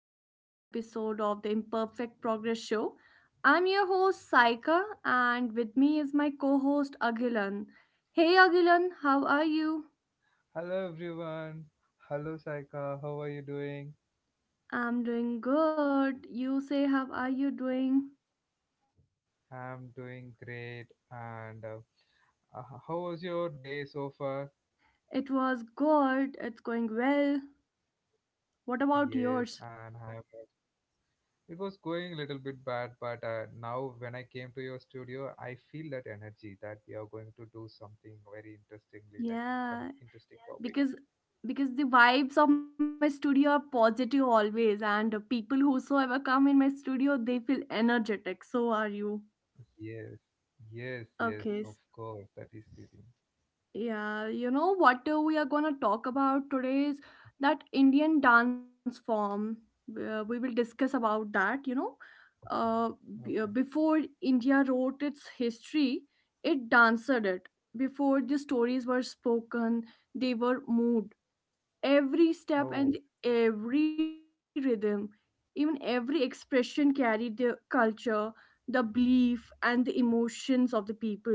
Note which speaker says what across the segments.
Speaker 1: to another episode of the Imperfect Progress Show. I'm your host, Saika, and with me is my co host, Agilan. Hey, Agilan, how are you?
Speaker 2: Hello everyone. Hello Saika. How are you doing?
Speaker 1: I'm doing good. You say, how are you doing?
Speaker 2: I'm doing great. And how was your day so far?
Speaker 1: It was good. It's going well. What about yours?
Speaker 2: Yes, and I it was going a little bit bad, but now when I came to your studio, I feel that energy that we are going to do something very interestingly, like some
Speaker 1: Yeah,
Speaker 2: interesting
Speaker 1: because
Speaker 2: topics.
Speaker 1: because the vibes of my studio are positive always, and people whosoever come in my studio they feel energetic. So are you?
Speaker 2: Yes, yes.
Speaker 1: Okay.
Speaker 2: Of course, that is the thing.
Speaker 1: Yeah, you know what we are gonna talk about today is that Indian dance form. We will discuss about that. Uh, b- uh,
Speaker 2: Okay.
Speaker 1: before India wrote its history, it danced it. Before the stories were spoken, they were moved. Every step
Speaker 2: Oh,
Speaker 1: and every rhythm, even every expression, carried the culture, the belief, and the emotions of the people.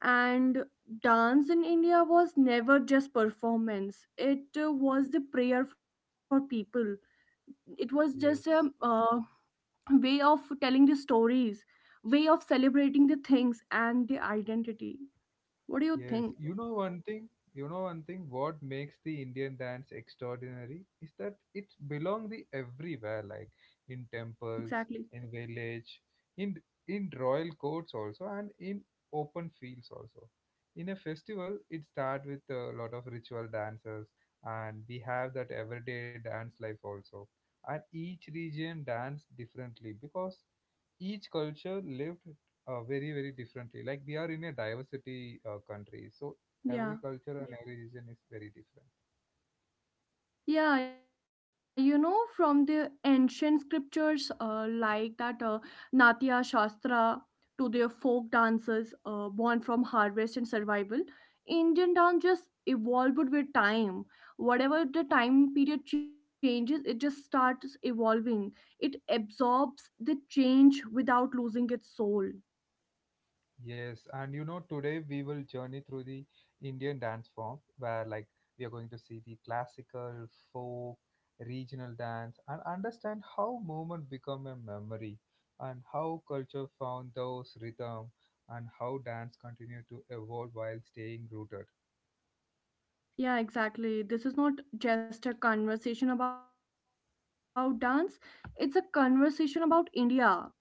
Speaker 1: And dance in India was never just performance. It was the prayer for people. It was just a
Speaker 2: yes.
Speaker 1: way of telling the stories, way of celebrating the things and the identity. What do you
Speaker 2: Yes, you
Speaker 1: think?
Speaker 2: know one thing, you know one thing, what makes the Indian dance extraordinary is that it belongs the everywhere, like in temples,
Speaker 1: Exactly.
Speaker 2: in village, in in royal courts also, and in open fields also. In a festival, it start with a lot of ritual dances, and we have that everyday dance life also. And each region dance differently because each culture lived very differently, like we are in a diversity country, so every culture and,
Speaker 1: Yeah.
Speaker 2: yeah, every region is very different.
Speaker 1: Yeah, you know, from the ancient scriptures like that Natya Shastra to their folk dances born from harvest and survival, Indian dance just evolved with time. Whatever the time period changes, it just starts evolving. It absorbs the change without losing its soul.
Speaker 2: Yes, and you know, today we will journey through the Indian dance form where, like, we are going to see the classical folk regional dance and understand how movement become a memory, and how culture found those rhythm, and how dance continue to evolve while staying rooted.
Speaker 1: Yeah, exactly. This is not just a conversation about dance, it's a conversation about India in motion.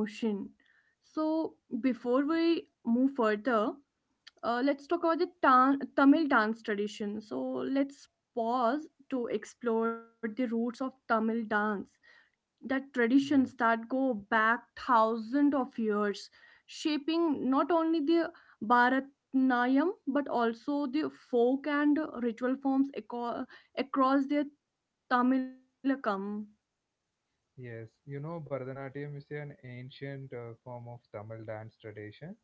Speaker 1: So, before we move further, let's talk about the Tamil dance tradition. So, let's pause to explore the roots of Tamil dance, that
Speaker 2: Yes.
Speaker 1: traditions that go back thousands of years, shaping not only the Bharatanatyam but also the folk and ritual forms across the Tamilakam.
Speaker 2: Yes, you know, Bharatanatyam is an ancient form of Tamil dance tradition,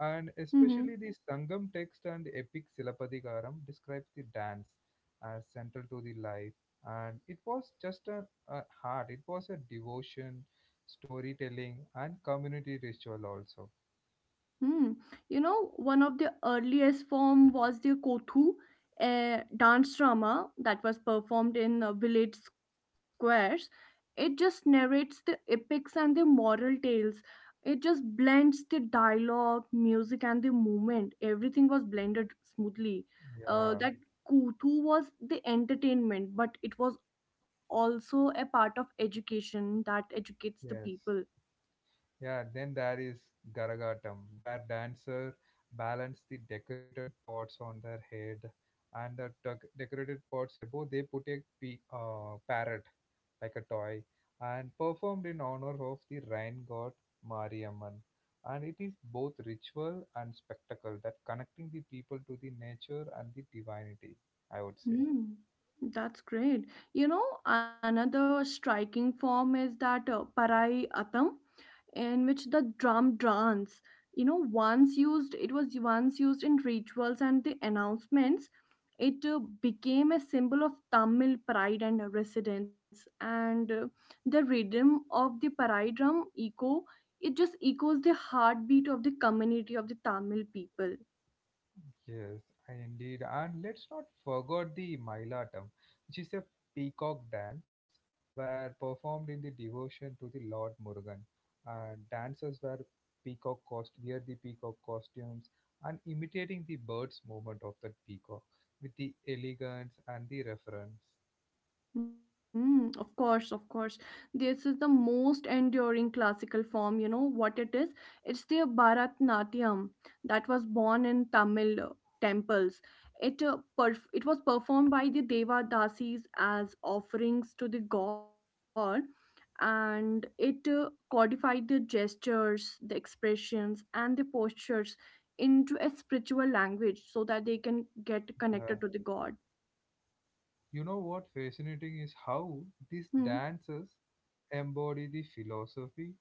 Speaker 2: and
Speaker 1: Mm-hmm.
Speaker 2: especially the Sangam text and the epic Silapadikaram describes the dance as central to the life. And it was just a heart, it was a devotion, storytelling, and community ritual also.
Speaker 1: Hmm. You know, one of the earliest form was the Kothu, a dance drama that was performed in village squares. It just narrates the epics and the moral tales. It just blends the dialogue, music, and the movement. Everything was blended smoothly.
Speaker 2: Yeah,
Speaker 1: That Kothu was the entertainment, but it was also a part of education that educates the people.
Speaker 2: yes. Yeah, then there is Garagatam, where dancers balance the decorated pots on their head, and the decorated pots above they put a parrot like a toy, and performed in honor of the rain god Mariamman. And it is both ritual and spectacle that connecting the people to the nature and the divinity, I would say.
Speaker 1: Hmm, that's great. You know, another striking form is that Parai Atam, in which the drum dance, once used, it was once used in rituals and the announcements. It became a symbol of Tamil pride and residence, and the rhythm of the Parai drum echo. It just echoes the heartbeat of the community of the Tamil people.
Speaker 2: Yes, indeed. And let's not forget the Mailatam, which is a peacock dance were performed in the devotion to the Lord Murugan. And dancers were peacock cost wear the peacock costumes and imitating the bird's movement of that peacock with the elegance and the reference.
Speaker 1: Mm, of course, of course. This is the most enduring classical form. You know what it is? It's the Bharatanatyam that was born in Tamil temples. It was performed by the Devadasis as offerings to the god, and it codified the gestures, the expressions, and the postures into a spiritual language so that they can get
Speaker 2: Yeah.
Speaker 1: connected to the god.
Speaker 2: You know what fascinating is how these
Speaker 1: Hmm.
Speaker 2: dancers embody the philosophy,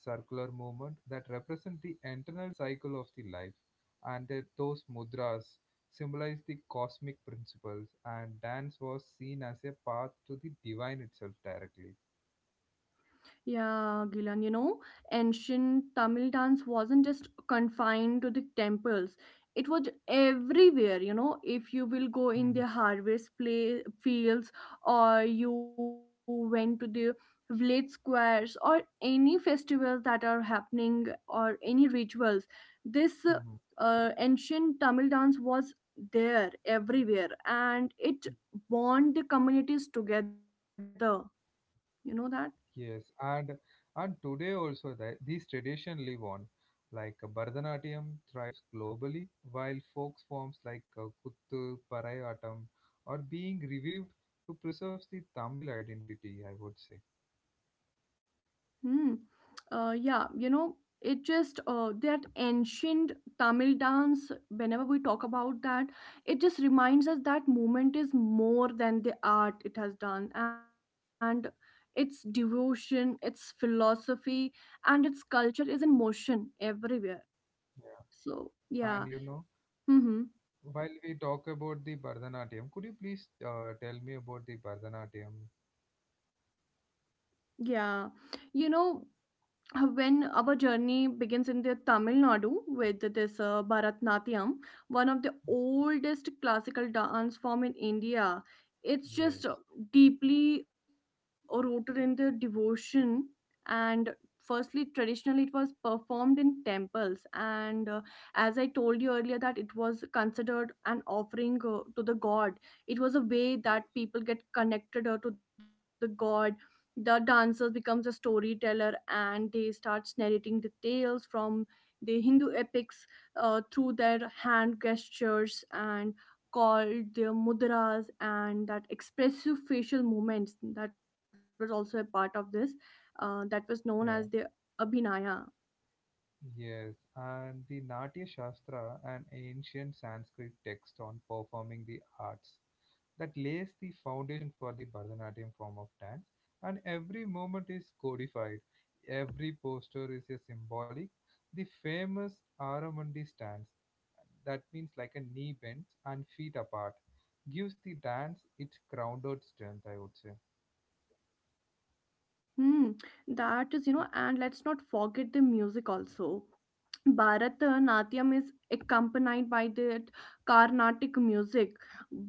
Speaker 2: circular movement that represent the internal cycle of the life, and that those mudras symbolize the cosmic principles. And dance was seen as a path to the divine itself directly.
Speaker 1: Yeah, Gilan, you know, ancient Tamil dance wasn't just confined to the temples. It was everywhere. If you will go in the
Speaker 2: Mhm,
Speaker 1: harvest play fields, or you went to the village squares, or any festivals that are happening, or any rituals, this
Speaker 2: mhm.
Speaker 1: ancient Tamil dance was there everywhere, and it bond the communities together. You know that?
Speaker 2: Yes, and today also that these traditions live on, like Bharatanatyam thrives globally, while folk forms like Kuttu, Parayatam are being revived to preserve the Tamil identity, I would say.
Speaker 1: Hmm. Yeah, you know, it just that ancient Tamil dance, whenever we talk about that, it just reminds us that movement is more than the art it has done. And its devotion, its philosophy, and its culture is in motion everywhere.
Speaker 2: Yeah.
Speaker 1: So, yeah.
Speaker 2: And you know,
Speaker 1: Mm-hmm.
Speaker 2: while we talk about the Bharatanatyam, could you please tell me about the Bharatanatyam?
Speaker 1: Yeah. You know, when our journey begins in the Tamil Nadu with this Bharatnatyam, one of the
Speaker 2: Yes,
Speaker 1: oldest classical dance form in India. It's just
Speaker 2: yes,
Speaker 1: deeply rooted in the devotion, and firstly traditionally it was performed in temples, and as I told you earlier, that it was considered an offering to the god. It was a
Speaker 2: yes,
Speaker 1: way that people get connected to the god. The dancers becomes a storyteller, and they starts narrating the tales from the Hindu epics through their hand gestures and called their mudras, and that expressive facial movements that was also a part of this, that was known as the
Speaker 2: yeah.
Speaker 1: abhinaya.
Speaker 2: Yes, and the Natya Shastra, an ancient Sanskrit text on performing the arts, that lays the foundation for the Bharatanatyam form of dance. And every moment is codified, every posture is a symbolic. The famous Aramandi stance, that means like a knee bends and feet apart, gives the dance its grounded strength, I would say.
Speaker 1: Hmm, that is, and let's not forget the music also. Bharatanatyam is accompanied by that Carnatic music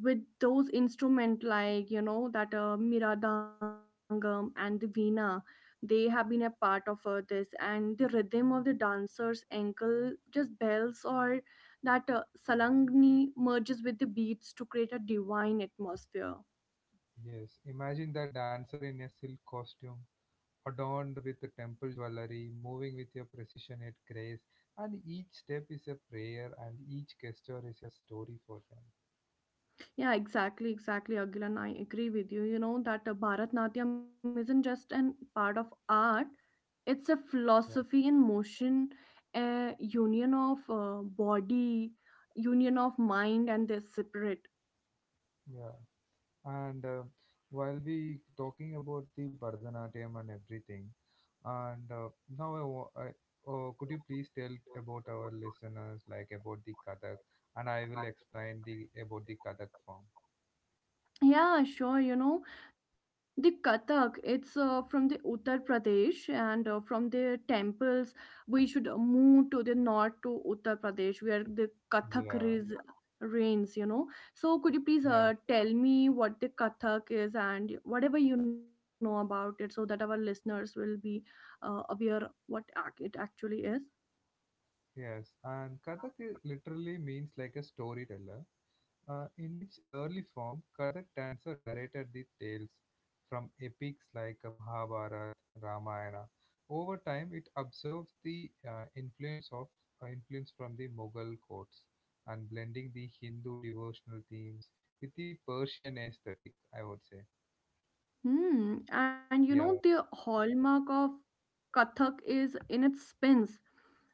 Speaker 1: with those instruments, like you know that Miradangam and the Veena. They have been a part of this, and the rhythm of the dancer's ankle just bells, or that salangni, merges with the beats to create a divine atmosphere.
Speaker 2: Yes, imagine the dancer in a silk costume adorned with temple jewelry, moving with a precision and grace, and each step is a prayer, and each gesture is a story for them.
Speaker 1: Yeah, exactly, exactly, Agilan. I agree with you. You know that Bharatanatyam isn't just an part of art. It's a
Speaker 2: Yeah,
Speaker 1: philosophy in motion, a union of body, union of mind, and their spirit.
Speaker 2: yeah. And while we talking about the Bharatanatyam and everything, and now I, wa- I could you please tell about our listeners like about the Kathak, and I will explain the about the Kathak form.
Speaker 1: Yeah, sure. You know, the Kathak, it's from the Uttar Pradesh, and from the temples, we should move to the north to Uttar Pradesh, where the Kathak
Speaker 2: Yeah,
Speaker 1: is, reigns. So, could you please
Speaker 2: yeah,
Speaker 1: tell me what the Kathak is and whatever you know about it so that our listeners will be aware what it actually is?
Speaker 2: yes. And Kathak literally means like a storyteller. In its early form, Kathak dancer narrated the tales from epics like Mahabharata, Ramayana. Over time, it observes the influence from the Mughal courts and blending the Hindu devotional themes with the Persian aesthetic, I would say.
Speaker 1: Hmm. And you
Speaker 2: yeah,
Speaker 1: know, the hallmark of Kathak is in its spins,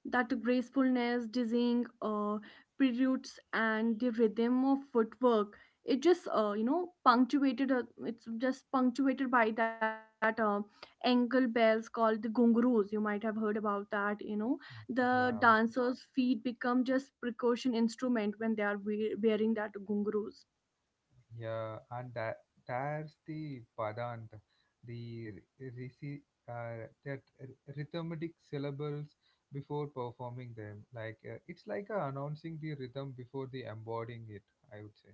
Speaker 1: that gracefulness, dizzying preludes, and the rhythm of footwork. It just punctuated. It's just punctuated by that ankle bells called the gungaroos. You might have heard about that. You know the
Speaker 2: yeah.
Speaker 1: dancers' feet become just percussion instrument when they are wearing that gungaroos.
Speaker 2: Yeah, and that there's the padant, the risi, that rhythmic syllables before performing them. Like it's like announcing the rhythm before the embodying it, I would say.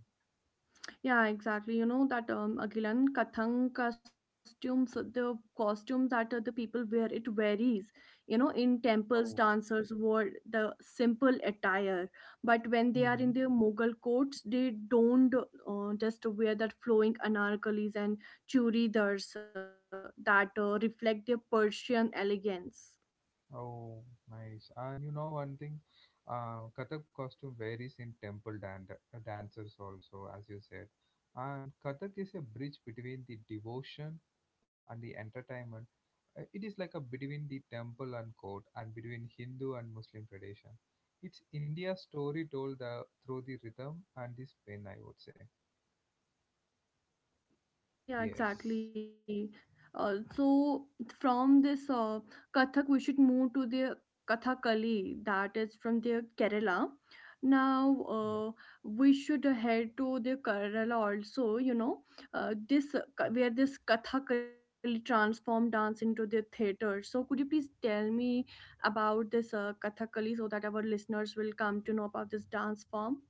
Speaker 1: Yeah, exactly. You know that Agilan Kathang costumes, the costumes that the people wear, it varies. You know, in temples,
Speaker 2: Oh.
Speaker 1: dancers wore the simple attire, but when they are
Speaker 2: Hmm.
Speaker 1: in their Mughal courts, they don't just wear that flowing anarkalis and churidars that reflect their Persian elegance.
Speaker 2: Oh, nice. And you know one thing, Kathak costume varies in temple dancers also, as you said. And Kathak is a bridge between the devotion and the entertainment. It is like a between the temple and court, and between Hindu and Muslim tradition. It's India's story told through the rhythm and the spin, I would say.
Speaker 1: Yeah,
Speaker 2: Yes.
Speaker 1: exactly. So from this Kathak, we should move to the Kathakali, that is from the Kerala. Now
Speaker 2: Yeah.
Speaker 1: we should head to the Kerala also. You know, this
Speaker 2: Yeah.
Speaker 1: where this Kathakali transformed dance into the theater. So could you please tell me about this Kathakali so that our listeners will come to know about this dance form?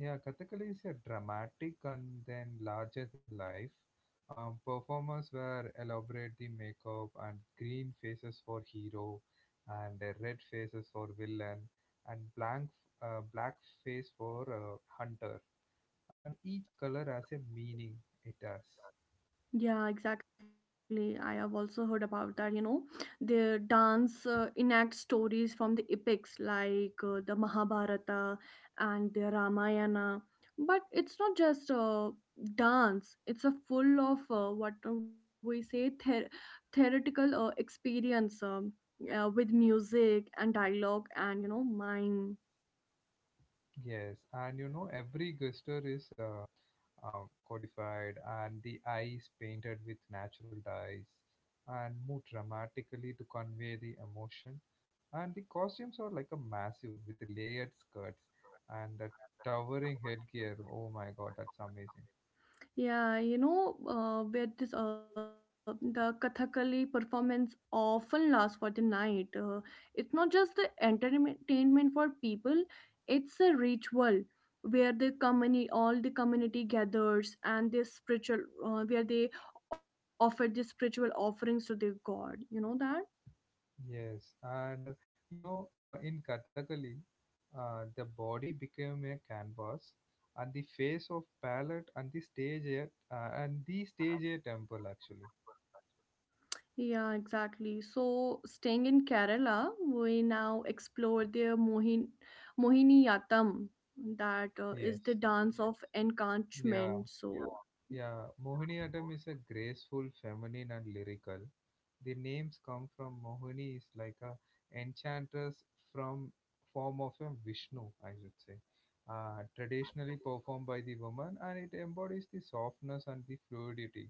Speaker 2: Yeah, Kathakali is a dramatic and then larger than life. Performers were elaborate the makeup and green faces for hero, and red faces for villain, and blank black face for hunter. And each color has a meaning. It has.
Speaker 1: Yeah, exactly. I have also heard about that. You know, the dance enact stories from the epics like the Mahabharata and the Ramayana. But it's not just a dance, it's a full of what we say, theoretical experience, with music and dialogue and, you know, mime.
Speaker 2: Yes, and you know every gesture is codified, and the eyes painted with natural dyes and moved dramatically to convey the emotion. And the costumes are like a massive with layered skirts and the towering headgear. Oh my god, that's amazing.
Speaker 1: Yeah, you know, where this the Kathakali performance often lasts for the night. It's not just the entertainment for people; it's a ritual where the community, all the community gathers, and their spiritual, where they offer the spiritual offerings to their god. You know that.
Speaker 2: Yes, and you know, in Kathakali, the body became a canvas, and the face of palette, and the stage a temple actually.
Speaker 1: Yeah, exactly. So, staying in Kerala, we now explore their Mohiniyattam, that is
Speaker 2: Yes,
Speaker 1: the dance of
Speaker 2: yeah,
Speaker 1: enchantment. Yeah.
Speaker 2: Yeah, Mohiniyattam is a graceful, feminine, and lyrical. The names come from Mohini is like a enchantress from form of a Vishnu, I should say. Traditionally
Speaker 1: So,
Speaker 2: performed by the woman, and it embodies the softness and the fluidity.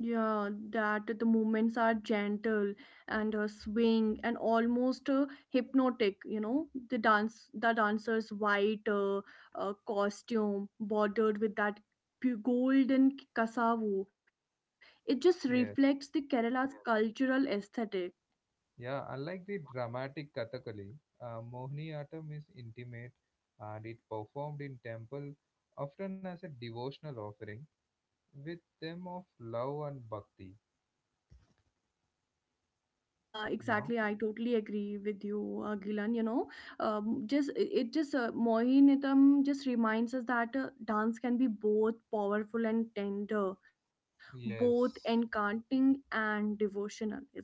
Speaker 1: yeah, that the movements are gentle and swing and almost hypnotic. You know, the dancer's white costume bordered with that golden cassava. It just reflects the
Speaker 2: Yes,
Speaker 1: Kerala's cultural aesthetic.
Speaker 2: yeah. Unlike the dramatic Kathakali, Mohiniyattam is intimate, and it performed in temple, often as a devotional offering, with them of love and bhakti.
Speaker 1: Yeah,
Speaker 2: You know.
Speaker 1: exactly. I totally agree with you, Gilan. You know, just it it just Mohiniyattam just reminds us that dance can be both powerful and tender, both
Speaker 2: Yes,
Speaker 1: enchanting and devotional, isn't it?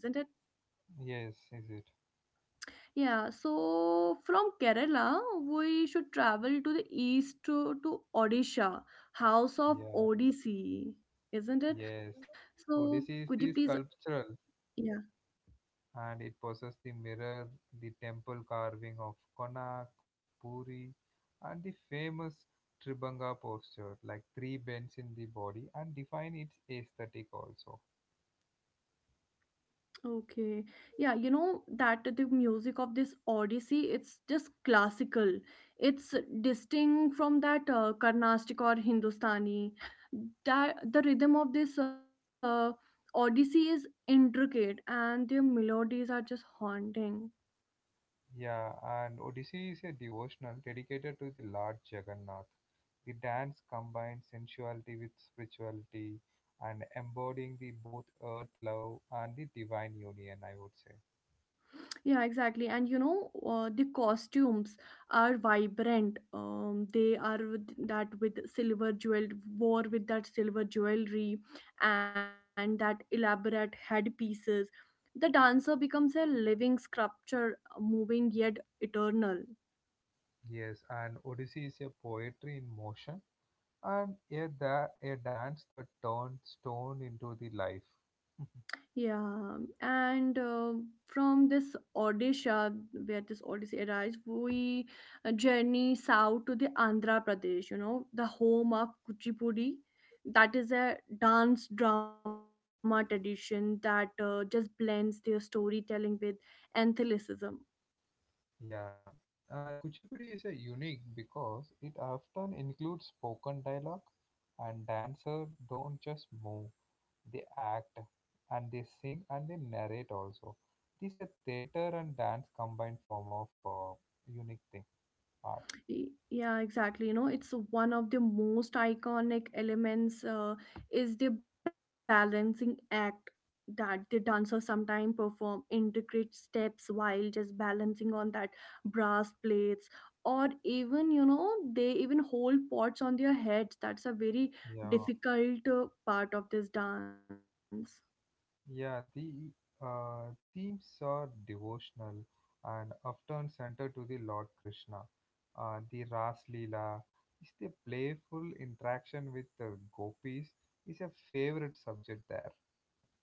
Speaker 2: yes, is it?
Speaker 1: Yeah. So from Kerala, we should travel to the east to Odisha, House of
Speaker 2: Yeah,
Speaker 1: Odissi, isn't it?
Speaker 2: yes.
Speaker 1: So
Speaker 2: Odyssey
Speaker 1: could
Speaker 2: is
Speaker 1: you
Speaker 2: the
Speaker 1: please?
Speaker 2: sculptural
Speaker 1: Yeah.
Speaker 2: and it possesses the mirror, the temple carving of Konak, Puri, and the famous Tribhanga posture, like three bends in the body, and define its aesthetic also.
Speaker 1: Okay. Yeah, you know that the music of this Odyssey, it's just classical. It's distinct from that Carnatic or Hindustani. That the rhythm of this Odyssey is intricate and their melodies are just haunting.
Speaker 2: Yeah, and Odyssey is a devotional dedicated to the Lord Jagannath. The dance combines sensuality with spirituality and embodying the both earth love and the divine union, I would say.
Speaker 1: Yeah, exactly. And you know, the costumes are vibrant. They are with that with silver jewel, wore with that silver jewelry and that elaborate headpieces. The dancer becomes a living sculpture, moving yet eternal.
Speaker 2: Yes, and Odyssey is a poetry in motion and a dance that turns stone into the life.
Speaker 1: Yeah, and from this Odisha, where this Odyssey arises, we journey south to the Andhra Pradesh, you know, the home of Kuchipudi. That is a dance drama tradition that just blends their storytelling with athleticism.
Speaker 2: Yeah, and Kuchipudi is a unique because it often includes spoken dialogue and dancers don't just move. They act and they sing and they narrate also. It is a theater and dance combined form of unique thing art.
Speaker 1: Yeah, exactly. You know, it's one of the most iconic elements is the balancing act, that the dancer sometimes perform intricate steps while just balancing on that brass plates, or even they even hold pots on their heads. That's a very
Speaker 2: Yeah,
Speaker 1: difficult part of this dance.
Speaker 2: yeah. The themes are devotional and often centered to the Lord Krishna. The Ras Leela is the playful interaction with the gopis is a favorite subject there.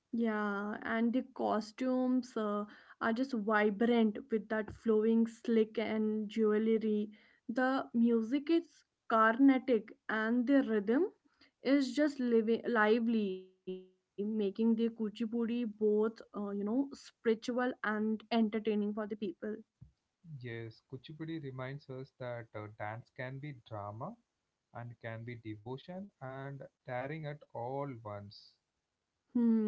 Speaker 1: Yeah, and the costumes are just vibrant with that flowing slick and jewelry. The music is Carnatic and the rhythm is just living, lively, making the Kuchipudi both, spiritual and entertaining for the people.
Speaker 2: Yes, Kuchipudi reminds us that dance can be drama and can be devotion and daring at all once.
Speaker 1: Hmm.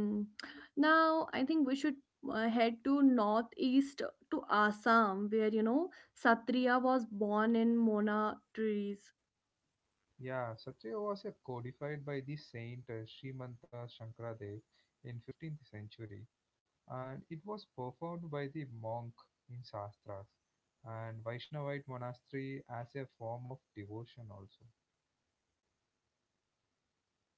Speaker 1: Now, I think we should head to northeast to Assam, where, you know, Satriya was born in Mona trees.
Speaker 2: Yeah, Satya was codified by the saint Srimanta Shankaradev in 15th century, and it was performed by the monk in Shastras and Vaishnavite monastery as a form of devotion also.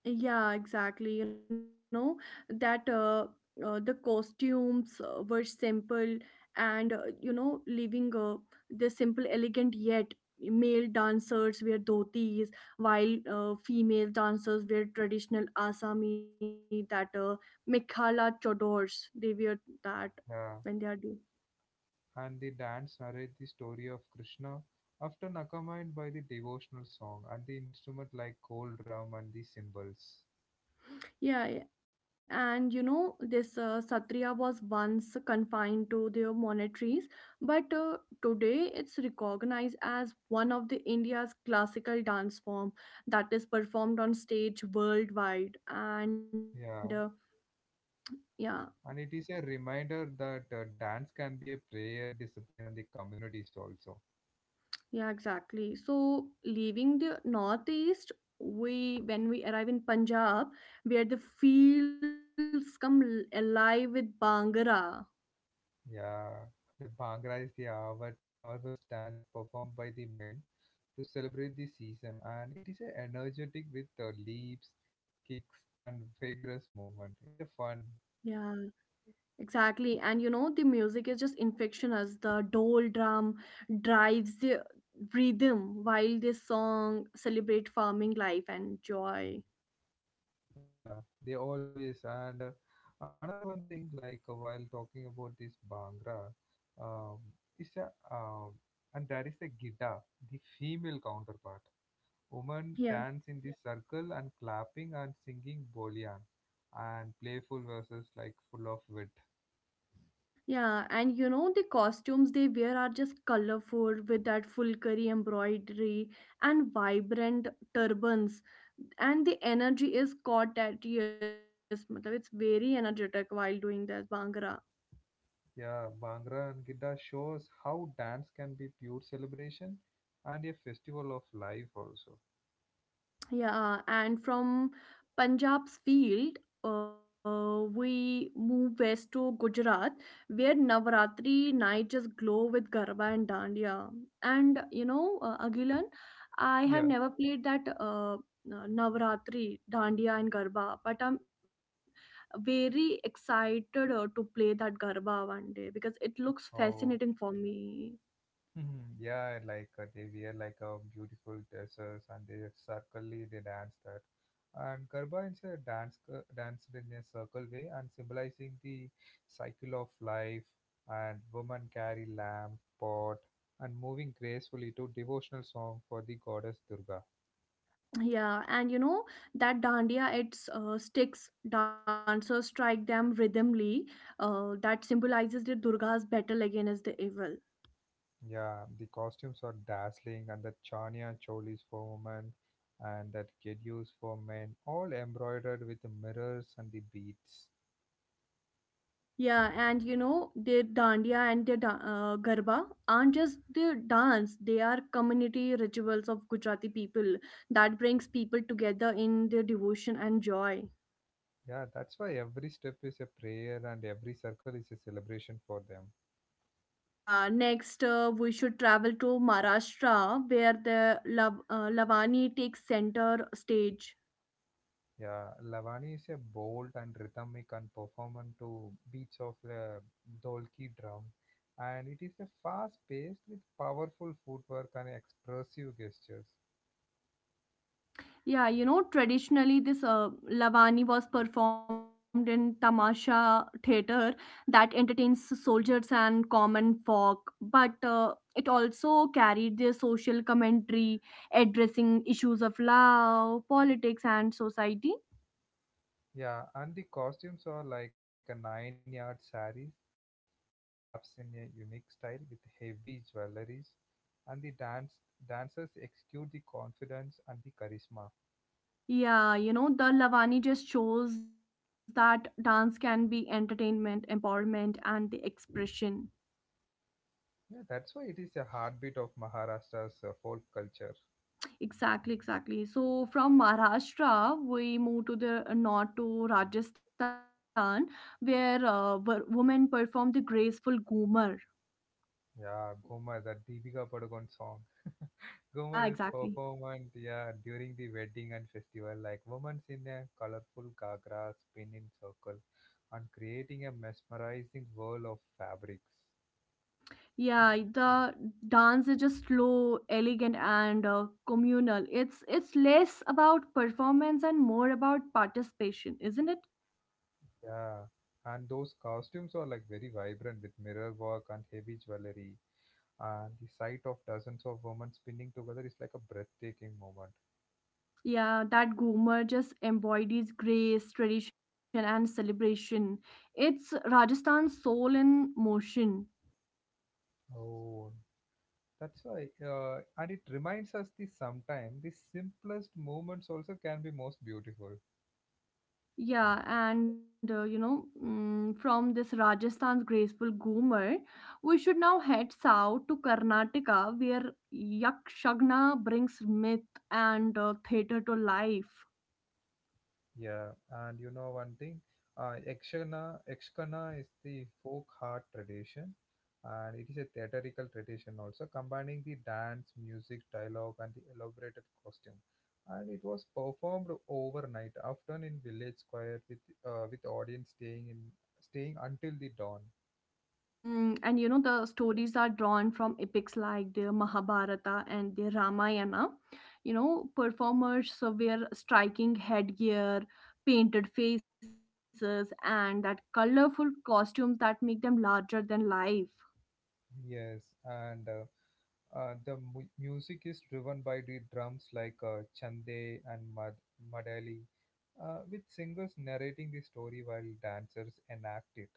Speaker 1: Yeah, exactly. You know, that the costumes were simple and, you know, leaving the simple, elegant yet male dancers wear dhotis while female dancers wear traditional Assami that Mikhala Chodors they wear that
Speaker 2: Yeah,
Speaker 1: when they are doing.
Speaker 2: and the dance narrates the story of Krishna often accompanied by the devotional song and the instrument like gold drum and the cymbals.
Speaker 1: Yeah, yeah, and you know, this Sattriya was once confined to their monasteries, but today it's recognized as one of the India's classical dance form that is performed on stage worldwide.
Speaker 2: Yeah.
Speaker 1: Yeah,
Speaker 2: And it is a reminder that dance can be a prayer, discipline, and the communities also.
Speaker 1: yeah, exactly. So leaving the northeast, we when we arrive in Punjab, where the fields come alive with Bhangra.
Speaker 2: Yeah, the Bhangra is the Avat harvest dance performed by the men to celebrate the season, and it is a energetic with leaps, kicks, and vigorous movement. It's a fun.
Speaker 1: Yeah. Exactly, and you know the music is just infectious. The dole drum drives the rhythm while the song celebrate farming life and joy.
Speaker 2: Yeah, they always, and another one thing like while talking about this Bhangra, um, is a and that is the Gita, the female counterpart. Women
Speaker 1: Yeah,
Speaker 2: dance in the circle and clapping and singing Bolian and playful verses like full of wit.
Speaker 1: yeah, and you know the costumes they wear are just colorful with that full curry embroidery and vibrant turbans, and the energy is caught at, yes, मतलब it's very energetic while doing that bhangra.
Speaker 2: Yeah, Bhangra and Gidda shows how dance can be pure celebration and a festival of life also.
Speaker 1: Yeah, and from Punjab's field, we move west to Gujarat, where Navaratri night just glow with Garba and Dandiya. And you know, Agilan, I have
Speaker 2: Yeah.
Speaker 1: never played that Navaratri, Dandiya, and Garba, but I'm very excited to play that Garba one day because it looks fascinating
Speaker 2: Oh.
Speaker 1: for me.
Speaker 2: Mhm. Yeah, like they wear like a beautiful dresses and they circlely they dance that. And Garba is a danced in a circle way and symbolizing the cycle of life. And women carry lamp, pot, and moving gracefully to devotional song for the goddess Durga.
Speaker 1: Yeah, and you know that dandiya, its sticks, dancers strike them rhythmly. That symbolizes the Durga's battle against the evil.
Speaker 2: Yeah, the costumes are dazzling and the chania cholis for women and that get used for men, all embroidered with mirrors and the beads.
Speaker 1: Yeah, and you know the dandiya and the garba aren't just the dance; they are community rituals of Gujarati people that brings people together in their devotion and joy.
Speaker 2: Yeah, that's why every step is a prayer and every circle is a celebration for them.
Speaker 1: Yeah, next we should travel to Maharashtra, where the Lavani takes center stage.
Speaker 2: Yeah, Lavani is a bold and rhythmic and performant to beats of the dholki drum, and it is a fast-paced with powerful footwork and expressive gestures.
Speaker 1: Yeah, you know, traditionally this Lavani was performed in Tamasha theater that entertains soldiers and common folk, but it also carried their social commentary addressing issues of love, politics and society.
Speaker 2: Yeah, and the costumes are like a nine-yard saris, drapes in a unique style with heavy jewelries, and the dancers execute the confidence and the charisma.
Speaker 1: Yeah, you know, the Lavani just shows that dance can be entertainment, empowerment and the expression.
Speaker 2: Yeah, that's why it is a heartbeat of Maharashtra's folk culture.
Speaker 1: Exactly, exactly. So from Maharashtra, we moved to the north to Rajasthan, where women perform the graceful Goomer.
Speaker 2: Yeah, Gomar, that Deepika Padukone song.
Speaker 1: Yeah,
Speaker 2: Gomar is
Speaker 1: exactly.
Speaker 2: performed, yeah, during the wedding and festival, like women in a colorful ghagra spin in circle and creating a mesmerizing whirl of fabrics.
Speaker 1: Yeah, the dance is just slow, elegant, and communal. It's less about performance and more about participation, isn't it?
Speaker 2: Yeah, and those costumes are like very vibrant with mirror work and heavy jewelry. And the sight of dozens of women spinning together is like a breathtaking moment.
Speaker 1: Yeah, that Goomer just embodies grace, tradition, and celebration. It's Rajasthan's soul in motion.
Speaker 2: Oh. That's why, and it reminds us the sometime the simplest moments also can be most beautiful.
Speaker 1: Yeah, and you know, mm, From this Rajasthan's graceful Goomer, we should now head south to Karnataka, where Yakshagana brings myth and theater to life.
Speaker 2: Yeah, and you know one thing, Ekshana is the folk art tradition, and it is a theatrical tradition also, combining the dance, music, dialogue, and the elaborated costume. And it was performed overnight, often in village square, with audience staying until the dawn.
Speaker 1: And you know, the stories are drawn from epics like the Mahabharata and the Ramayana. You know, performers wear striking headgear, painted faces, and that colorful costumes that make them larger than life.
Speaker 2: Yes, and music is driven by the drums like Chande and Madali, with singers narrating the story while dancers enact it.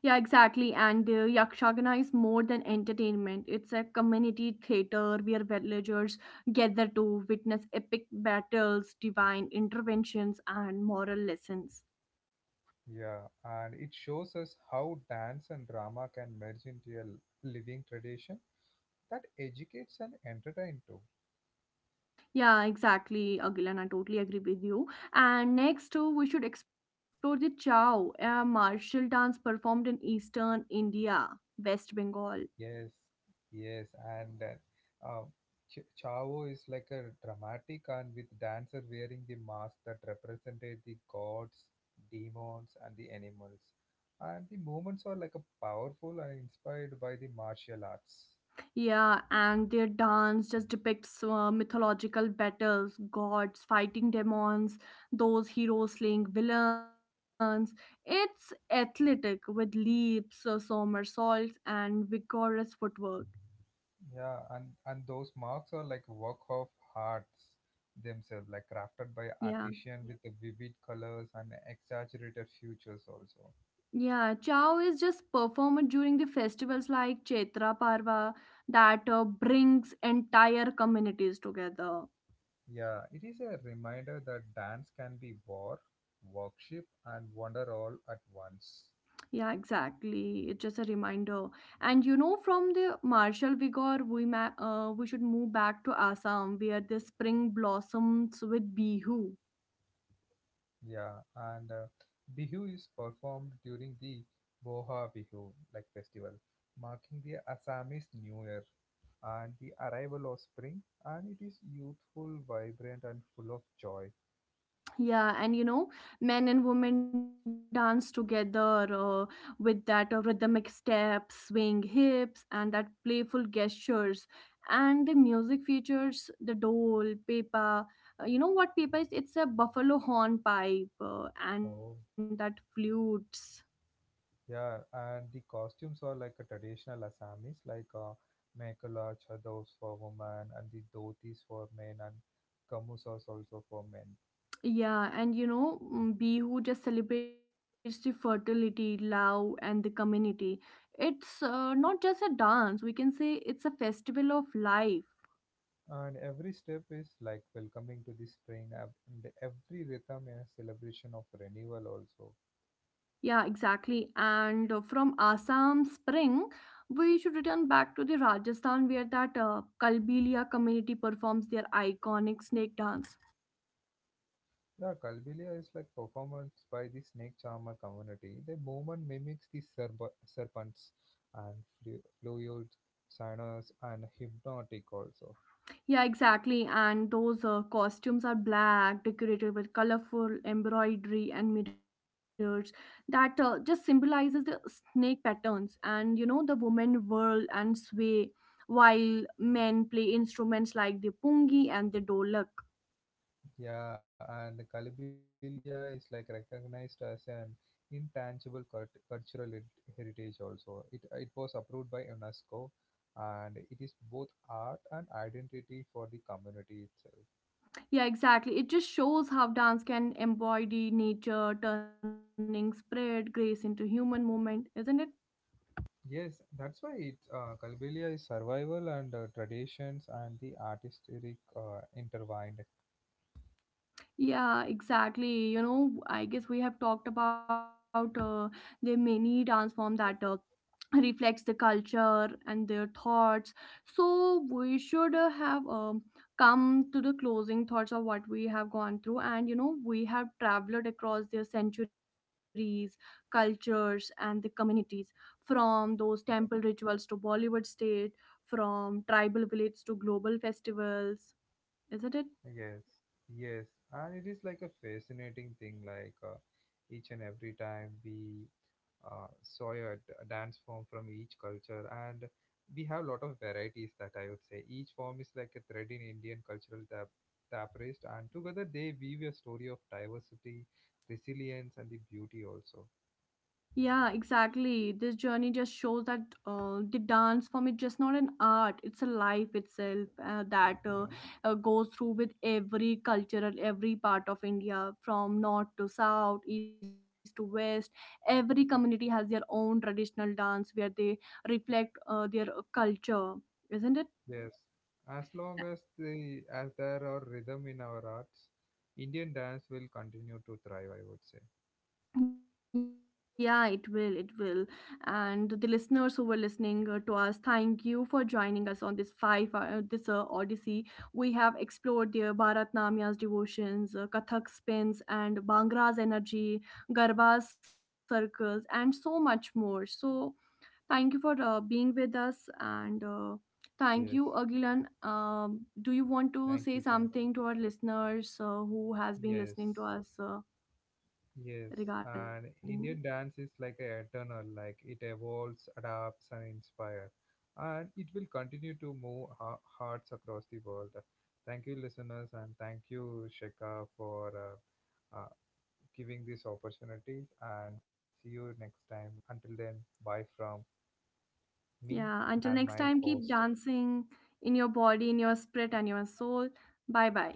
Speaker 1: Yeah, exactly. And Yakshagana is more than entertainment. It's a community theater where villagers gather to witness epic battles, divine interventions, and moral lessons.
Speaker 2: Yeah, and it shows us how dance and drama can merge into a living tradition that educates and entertains too.
Speaker 1: Yeah, exactly, Agilan. I totally agree with you. And next, we should explore the Chow, a martial dance performed in eastern India, West Bengal.
Speaker 2: Yes, yes, Chavo is like a dramatic and with dancer wearing the mask that represented the gods, demons, and the animals. And the movements are like a powerful and inspired by the martial arts.
Speaker 1: Yeah, and their dance just depicts mythological battles, gods fighting demons, those heroes slaying villains. It's athletic with leaps, somersaults, and vigorous footwork.
Speaker 2: Yeah, and those marks are like work of arts themselves, like crafted by
Speaker 1: Yeah,
Speaker 2: artisan with the vivid colors and exaggerated features also.
Speaker 1: yeah. Chow is just performed during the festivals like Chaitra Parva that brings entire communities together.
Speaker 2: Yeah, it is a reminder that dance can be war, worship, and wonder all at once.
Speaker 1: Yeah, exactly. It's just a reminder. And you know, from the martial vigor, we should move back to Assam, where the spring blossoms with bihu.
Speaker 2: Yeah, and Bihu is performed during the Boha Bihu like festival, marking the Assamese New Year and the arrival of spring, and it is youthful, vibrant, and full of joy.
Speaker 1: Yeah, and you know, men and women dance together with that rhythmic step, swing hips, and that playful gestures. And the music features the dole, pepa. You know what pepa is? It's a buffalo horn pipe and that
Speaker 2: Oh.
Speaker 1: flutes.
Speaker 2: Yeah, and the costumes are like a traditional Assamese, like Mekhala chadors for women and the dhotis for men and kamusas also for men.
Speaker 1: Yeah, and you know, mm, Bihu just celebrates the fertility, love, and the community. It's not just a dance, we can say it's a festival of life.
Speaker 2: And every step is like welcoming to the spring, and every rhythm is celebration of renewal also.
Speaker 1: Yeah, exactly. And from Assam Spring, we should return back to the Rajasthan where that Kalbilia community performs their iconic snake dance.
Speaker 2: Yeah, Kalbilia is like performance by the snake charmer community. The movement mimics the serpents and fluid, sinus, and hypnotic also.
Speaker 1: Yeah, exactly. And those costumes are black, decorated with colorful embroidery and mirrors. That just symbolizes the snake patterns, and you know the women whirl and sway, while men play instruments like the pungi and the dolak.
Speaker 2: Yeah, and Kalibilia is like recognized as an intangible cultural heritage also. It was approved by UNESCO and it is both art and identity for the community itself.
Speaker 1: Yeah, exactly. It just shows how dance can embody nature, turning spirit, grace into human movement, isn't it?
Speaker 2: Yes, that's why it Kalibilia is survival and traditions and the artistic intertwined.
Speaker 1: Yeah, exactly. You know, I guess we have talked about the many dance form that reflects the culture and their thoughts, so we should have come to the closing thoughts of what we have gone through. And you know, we have traveled across their centuries, cultures and the communities, from those temple
Speaker 2: Yeah.
Speaker 1: rituals to bollywood state, from tribal villages to global festivals, isn't it?
Speaker 2: Yes, yes, and it is like a fascinating thing. Like each and every time we Sawyer dance form from each culture, and we have a lot of varieties, that I would say. Each form is like a thread in Indian cultural tapestry, and together they weave a story of diversity, resilience, and the beauty also.
Speaker 1: Yeah, exactly. This journey just shows that the dance form is just not an art; it's a life itself uh, that uh,
Speaker 2: Yeah,
Speaker 1: uh, goes through with every cultural, every part of India, from north to south, east to west. Every community has their own traditional dance where they reflect their culture,
Speaker 2: yes.
Speaker 1: isn't it?
Speaker 2: As long as there are rhythm in our arts, Indian dance will continue to thrive, I would say.
Speaker 1: Yeah, it will. It will. And the listeners who were listening to us, thank you for joining us on this five-hour, this odyssey. We have explored the Bharatnamya's devotions, Kathak spins, and Bhangra's energy, Garba's circles, and so much more. So, thank you for being with us. And
Speaker 2: Yes.
Speaker 1: Thank you, Agilan. Do you want
Speaker 2: Thank
Speaker 1: to
Speaker 2: you.
Speaker 1: say
Speaker 2: Thank you.
Speaker 1: something to our listeners who has been
Speaker 2: Yes.
Speaker 1: listening to us
Speaker 2: Yes, and
Speaker 1: regarding?
Speaker 2: Indian dance is like a eternal, like it evolves, adapts, and inspires, and it will continue to move hearts across the world. Thank you, listeners, and thank you, Shekha, for giving these opportunities. And see you next time. Until then, bye from me
Speaker 1: Yeah, until
Speaker 2: and
Speaker 1: next
Speaker 2: my, yeah,
Speaker 1: time, keep
Speaker 2: host.
Speaker 1: dancing in your body, in your spirit, and your soul. Bye bye.